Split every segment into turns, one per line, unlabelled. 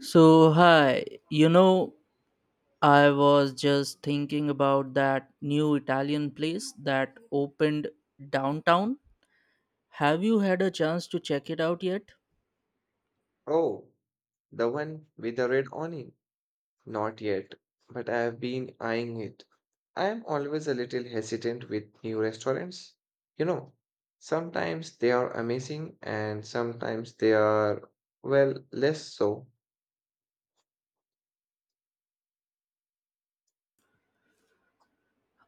So, hi, you know, I was just thinking about that new Italian place that opened downtown. Have you had a chance to check it out yet?
Oh, the one with the red awning? Not yet, but I have been eyeing it. I am always a little hesitant with new restaurants. You know, sometimes they are amazing and sometimes they are, well, less so.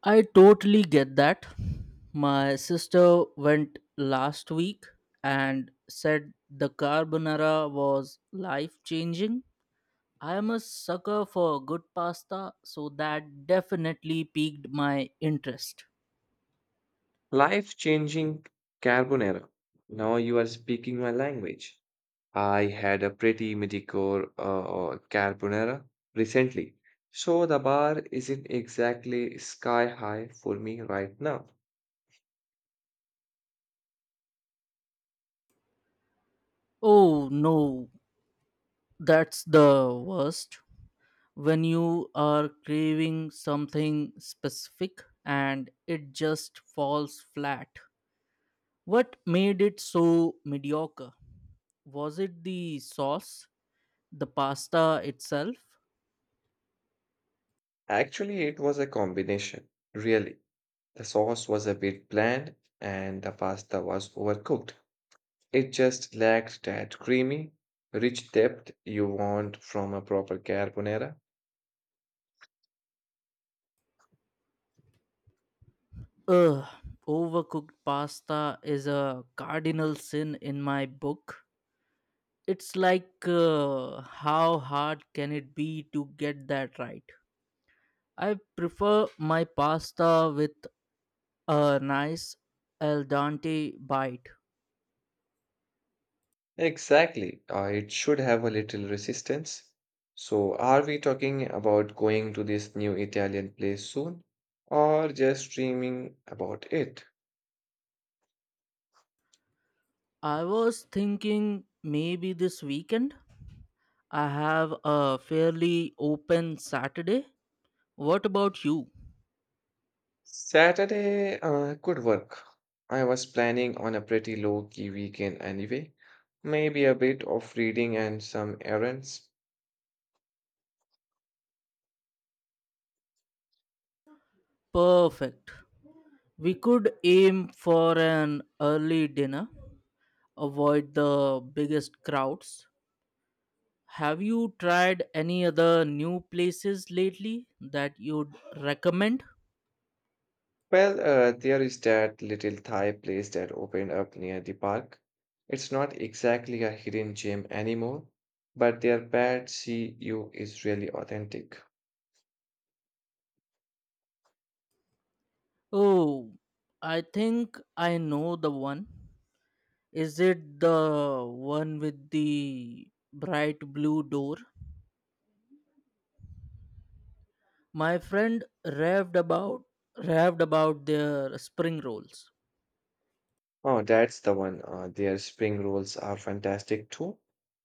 I totally get that. My sister went last week and said the carbonara was life changing. I am a sucker for good pasta, so that definitely piqued my interest.
Life-changing carbonara. Now you are speaking my language. I had a pretty mediocre carbonara recently, so the bar isn't exactly sky high for me right now.
Oh no, that's the worst. When you are craving something specific and it just falls flat. What made it so mediocre? Was it the sauce? The pasta itself?
Actually, it was a combination, really. The sauce was a bit bland and the pasta was overcooked. It just lacked that creamy, rich depth you want from a proper carbonara.
Ugh, overcooked pasta is a cardinal sin in my book. It's like, how hard can it be to get that right? I prefer my pasta with a nice al dente bite.
Exactly. It should have a little resistance. So, are we talking about going to this new Italian place soon or just dreaming about it?
I was thinking maybe this weekend I have a fairly open Saturday. What about you?
Saturday could work. I was planning on a pretty low-key weekend anyway. Maybe a bit of reading and some errands.
Perfect. We could aim for an early dinner, avoid the biggest crowds. Have you tried any other new places lately that you'd recommend?
Well, there is that little Thai place that opened up near the park. It's not exactly a hidden gem anymore, but their pad see you is really authentic.
Oh, I think I know the one. Is it the one with the bright blue door? My friend raved about their spring rolls.
Oh, that's the one. Their spring rolls are fantastic too.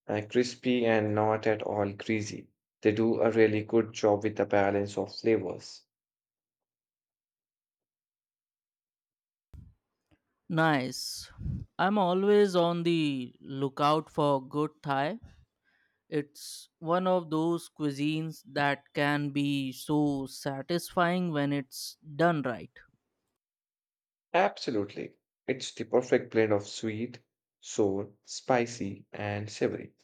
Crispy and not at all greasy. They do a really good job with the balance of flavors.
Nice. I'm always on the lookout for good Thai. It's one of those cuisines that can be so satisfying when it's done right.
Absolutely. It's the perfect blend of sweet, sour, spicy, and savory.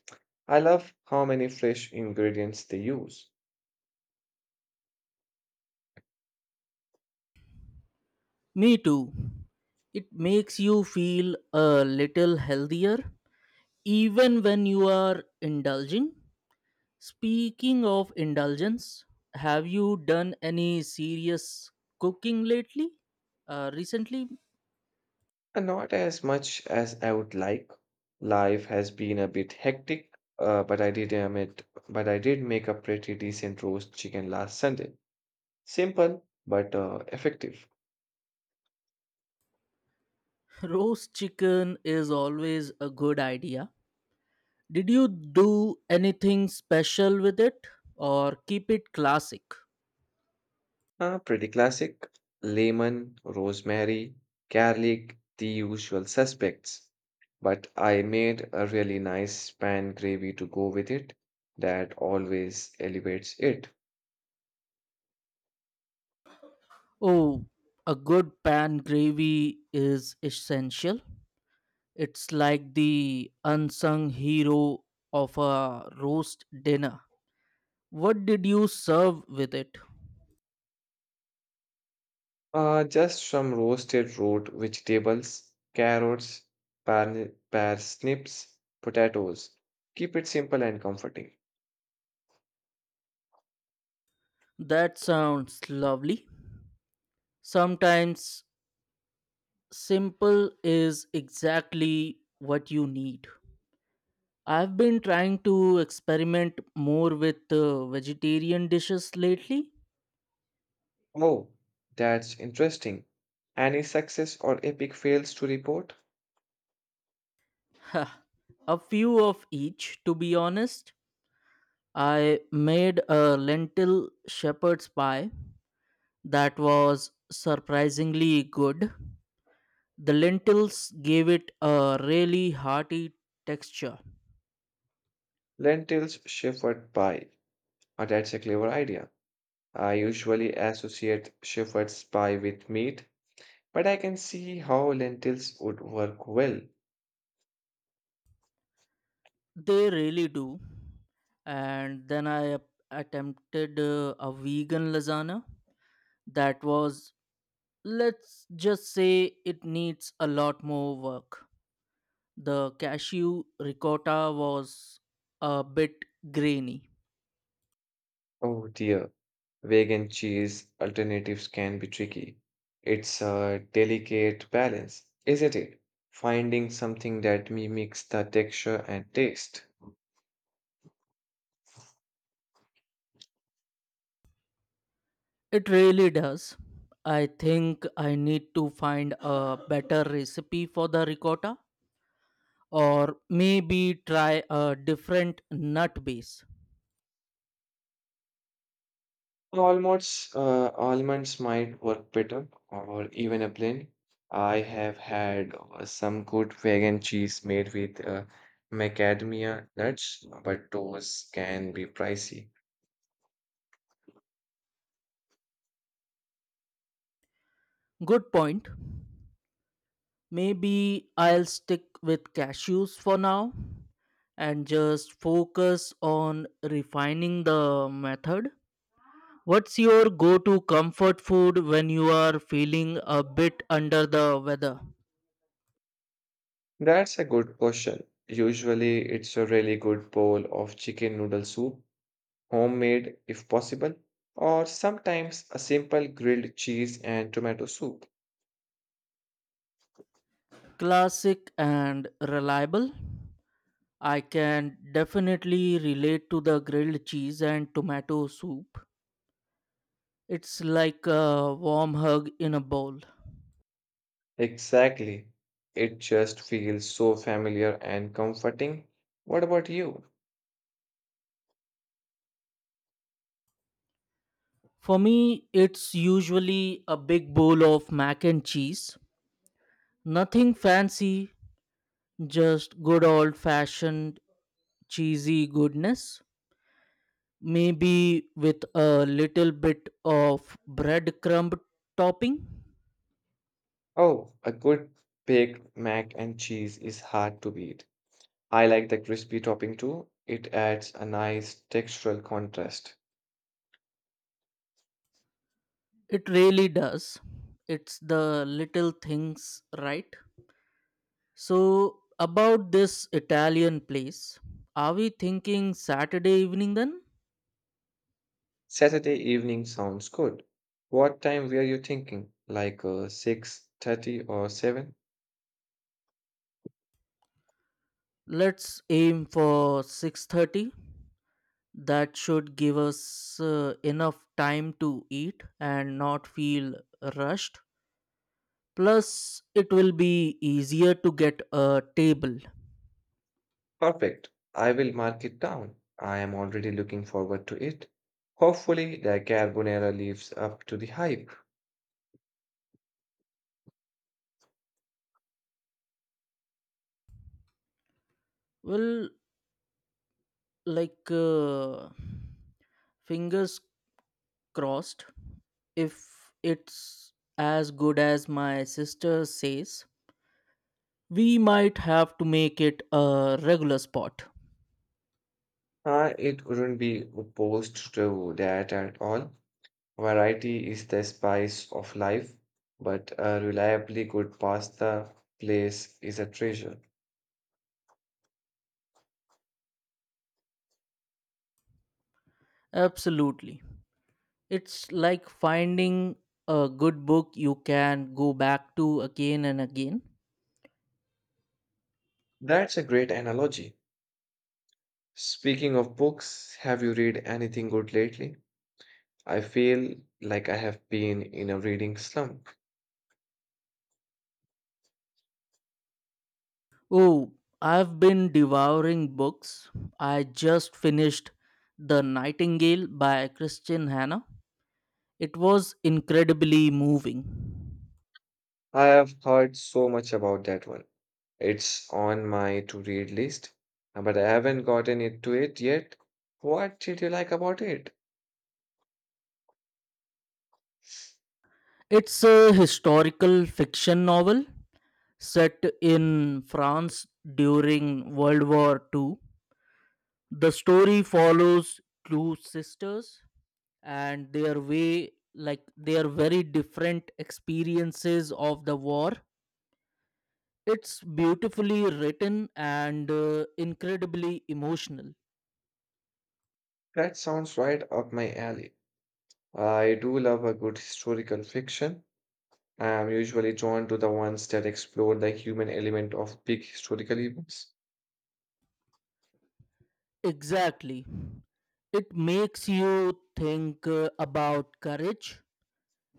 I love how many fresh ingredients they use.
Me too. It makes you feel a little healthier even when you are indulging. Speaking of indulgence, have you done any serious cooking lately? Recently,
And not as much as I would like. Life has been a bit hectic, uh, but I did admit, but I did make a pretty decent roast chicken last Sunday. Simple but effective.
roast chicken is always a good idea. Did you do anything special with it or keep it classic?
Pretty classic. Lemon, rosemary, garlic, the usual suspects. But I made a really nice span gravy to go with it that always elevates it.
Oh, a good pan gravy is essential. It's like the unsung hero of a roast dinner. What did you serve with it?
Just some roasted root vegetables, carrots, parsnips, potatoes. Keep it simple and comforting.
That sounds lovely. Sometimes simple is exactly what you need. I've been trying to experiment more with vegetarian dishes lately.
Oh, that's interesting. Any success or epic fails to report?
Ha, a few of each, to be honest. I made a lentil shepherd's pie that was surprisingly good. The lentils gave it a really hearty texture.
Lentils shepherd pie. Oh, that's a clever idea. I usually associate shepherd's pie with meat, but I can see how lentils would work well.
They really do. And then attempted a vegan lasagna that was, let's just say, it needs a lot more work. The cashew ricotta was a bit grainy.
Oh dear, vegan cheese alternatives can be tricky. It's a delicate balance, isn't it? Finding something that mimics the texture and taste.
It really does. I think I need to find a better recipe for the ricotta or maybe try a different nut base.
Almonds might work better, or even a blend. I have had some good vegan cheese made with macadamia nuts, but those can be pricey.
Good point. Maybe I'll stick with cashews for now and just focus on refining the method. What's your go to comfort food when you are feeling a bit under the weather?
That's a good question. Usually, it's a really good bowl of chicken noodle soup. Homemade if possible, or sometimes a simple grilled cheese and tomato soup.
Classic and reliable. I can definitely relate to the grilled cheese and tomato soup. It's like a warm hug in a bowl.
Exactly. It just feels so familiar and comforting. What about you?
For me, it's usually a big bowl of mac and cheese. Nothing fancy, just good old fashioned cheesy goodness. Maybe with a little bit of breadcrumb topping.
Oh, a good baked mac and cheese is hard to beat. I like the crispy topping too. It adds a nice textural contrast.
It really does. It's the little things, right? So, about this Italian place, are we thinking Saturday evening then?
Saturday evening sounds good. What time were you thinking? Like 6:30 or 7?
Let's aim for 6:30. That should give us enough time to eat and not feel rushed. Plus it will be easier to get a table.
Perfect. I will mark it down. I am already looking forward to it. Hopefully, the carbonara lives up to the hype.
Well, like fingers crossed if it's as good as my sister says, we might have to make it a regular spot.
It wouldn't be opposed to that at all. Variety is the spice of life, but a reliably good pasta place is a treasure.
Absolutely. It's like finding a good book you can go back to again and again.
That's a great analogy. Speaking of books, have you read anything good lately? I feel like I have been in a reading slump.
Oh, I've been devouring books. I just finished The Nightingale by Christian Hannah. It was incredibly moving.
I have heard so much about that one. It's on my to read list, but I haven't gotten it to it yet. What did you like about it?
It's a historical fiction novel set in France during World War Two. The story follows two sisters and their way like their very different experiences of the war. It's beautifully written and incredibly emotional.
That sounds right up my alley. I do love a good historical fiction. I am usually drawn to the ones that explore the human element of big historical events.
Exactly. It makes you think about courage,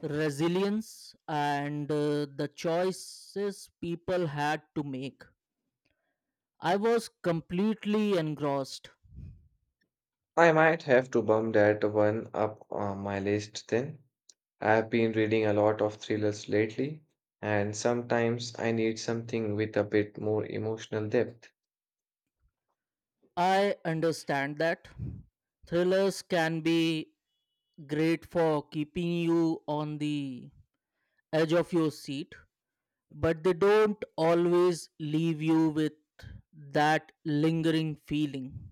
resilience, and the choices people had to make. I was completely engrossed.
I might have to bump that one up on my list then. I've been reading a lot of thrillers lately, and sometimes I need something with a bit more emotional depth.
I understand that thrillers can be great for keeping you on the edge of your seat, but they don't always leave you with that lingering feeling.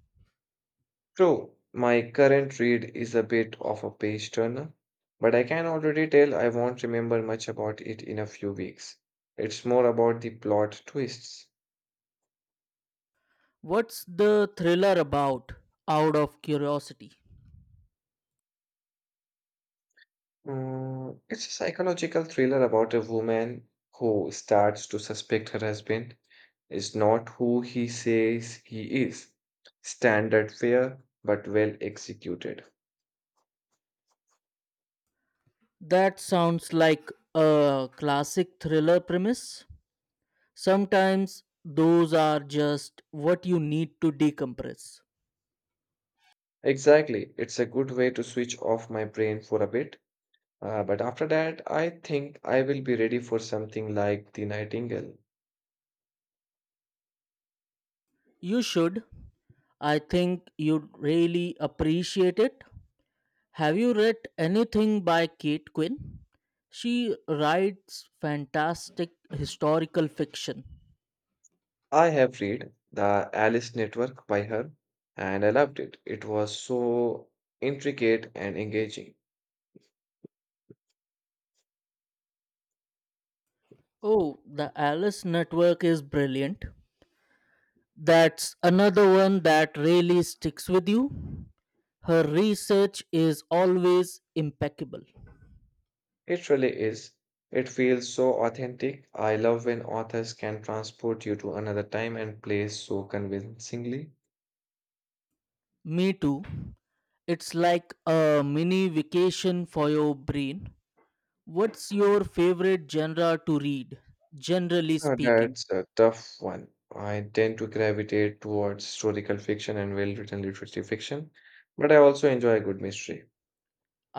True, my current read is a bit of a page turner, but I can already tell I won't remember much about it in a few weeks. It's more about the plot twists.
What's the thriller about, out of curiosity?
It's a psychological thriller about a woman who starts to suspect her husband is not who he says he is. Standard fare, but well executed.
That sounds like a classic thriller premise. Sometimes those are just what you need to decompress.
Exactly. It's a good way to switch off my brain for a bit. But after that, I think I will be ready for something like The Nightingale.
You should. I think you'd really appreciate it. Have you read anything by Kate Quinn? She writes fantastic historical fiction.
I have read The Alice Network by her, and I loved it. It was so intricate and engaging.
Oh, the Alice Network is brilliant. That's another one that really sticks with you. Her research is always impeccable.
It really is. It feels so authentic. I love when authors can transport you to another time and place so convincingly.
Me too. It's like a mini vacation for your brain. What's your favorite genre to read, generally
Uh,
speaking?
that's a tough one. I tend to gravitate towards historical fiction and well-written literary fiction, but I also enjoy a good mystery.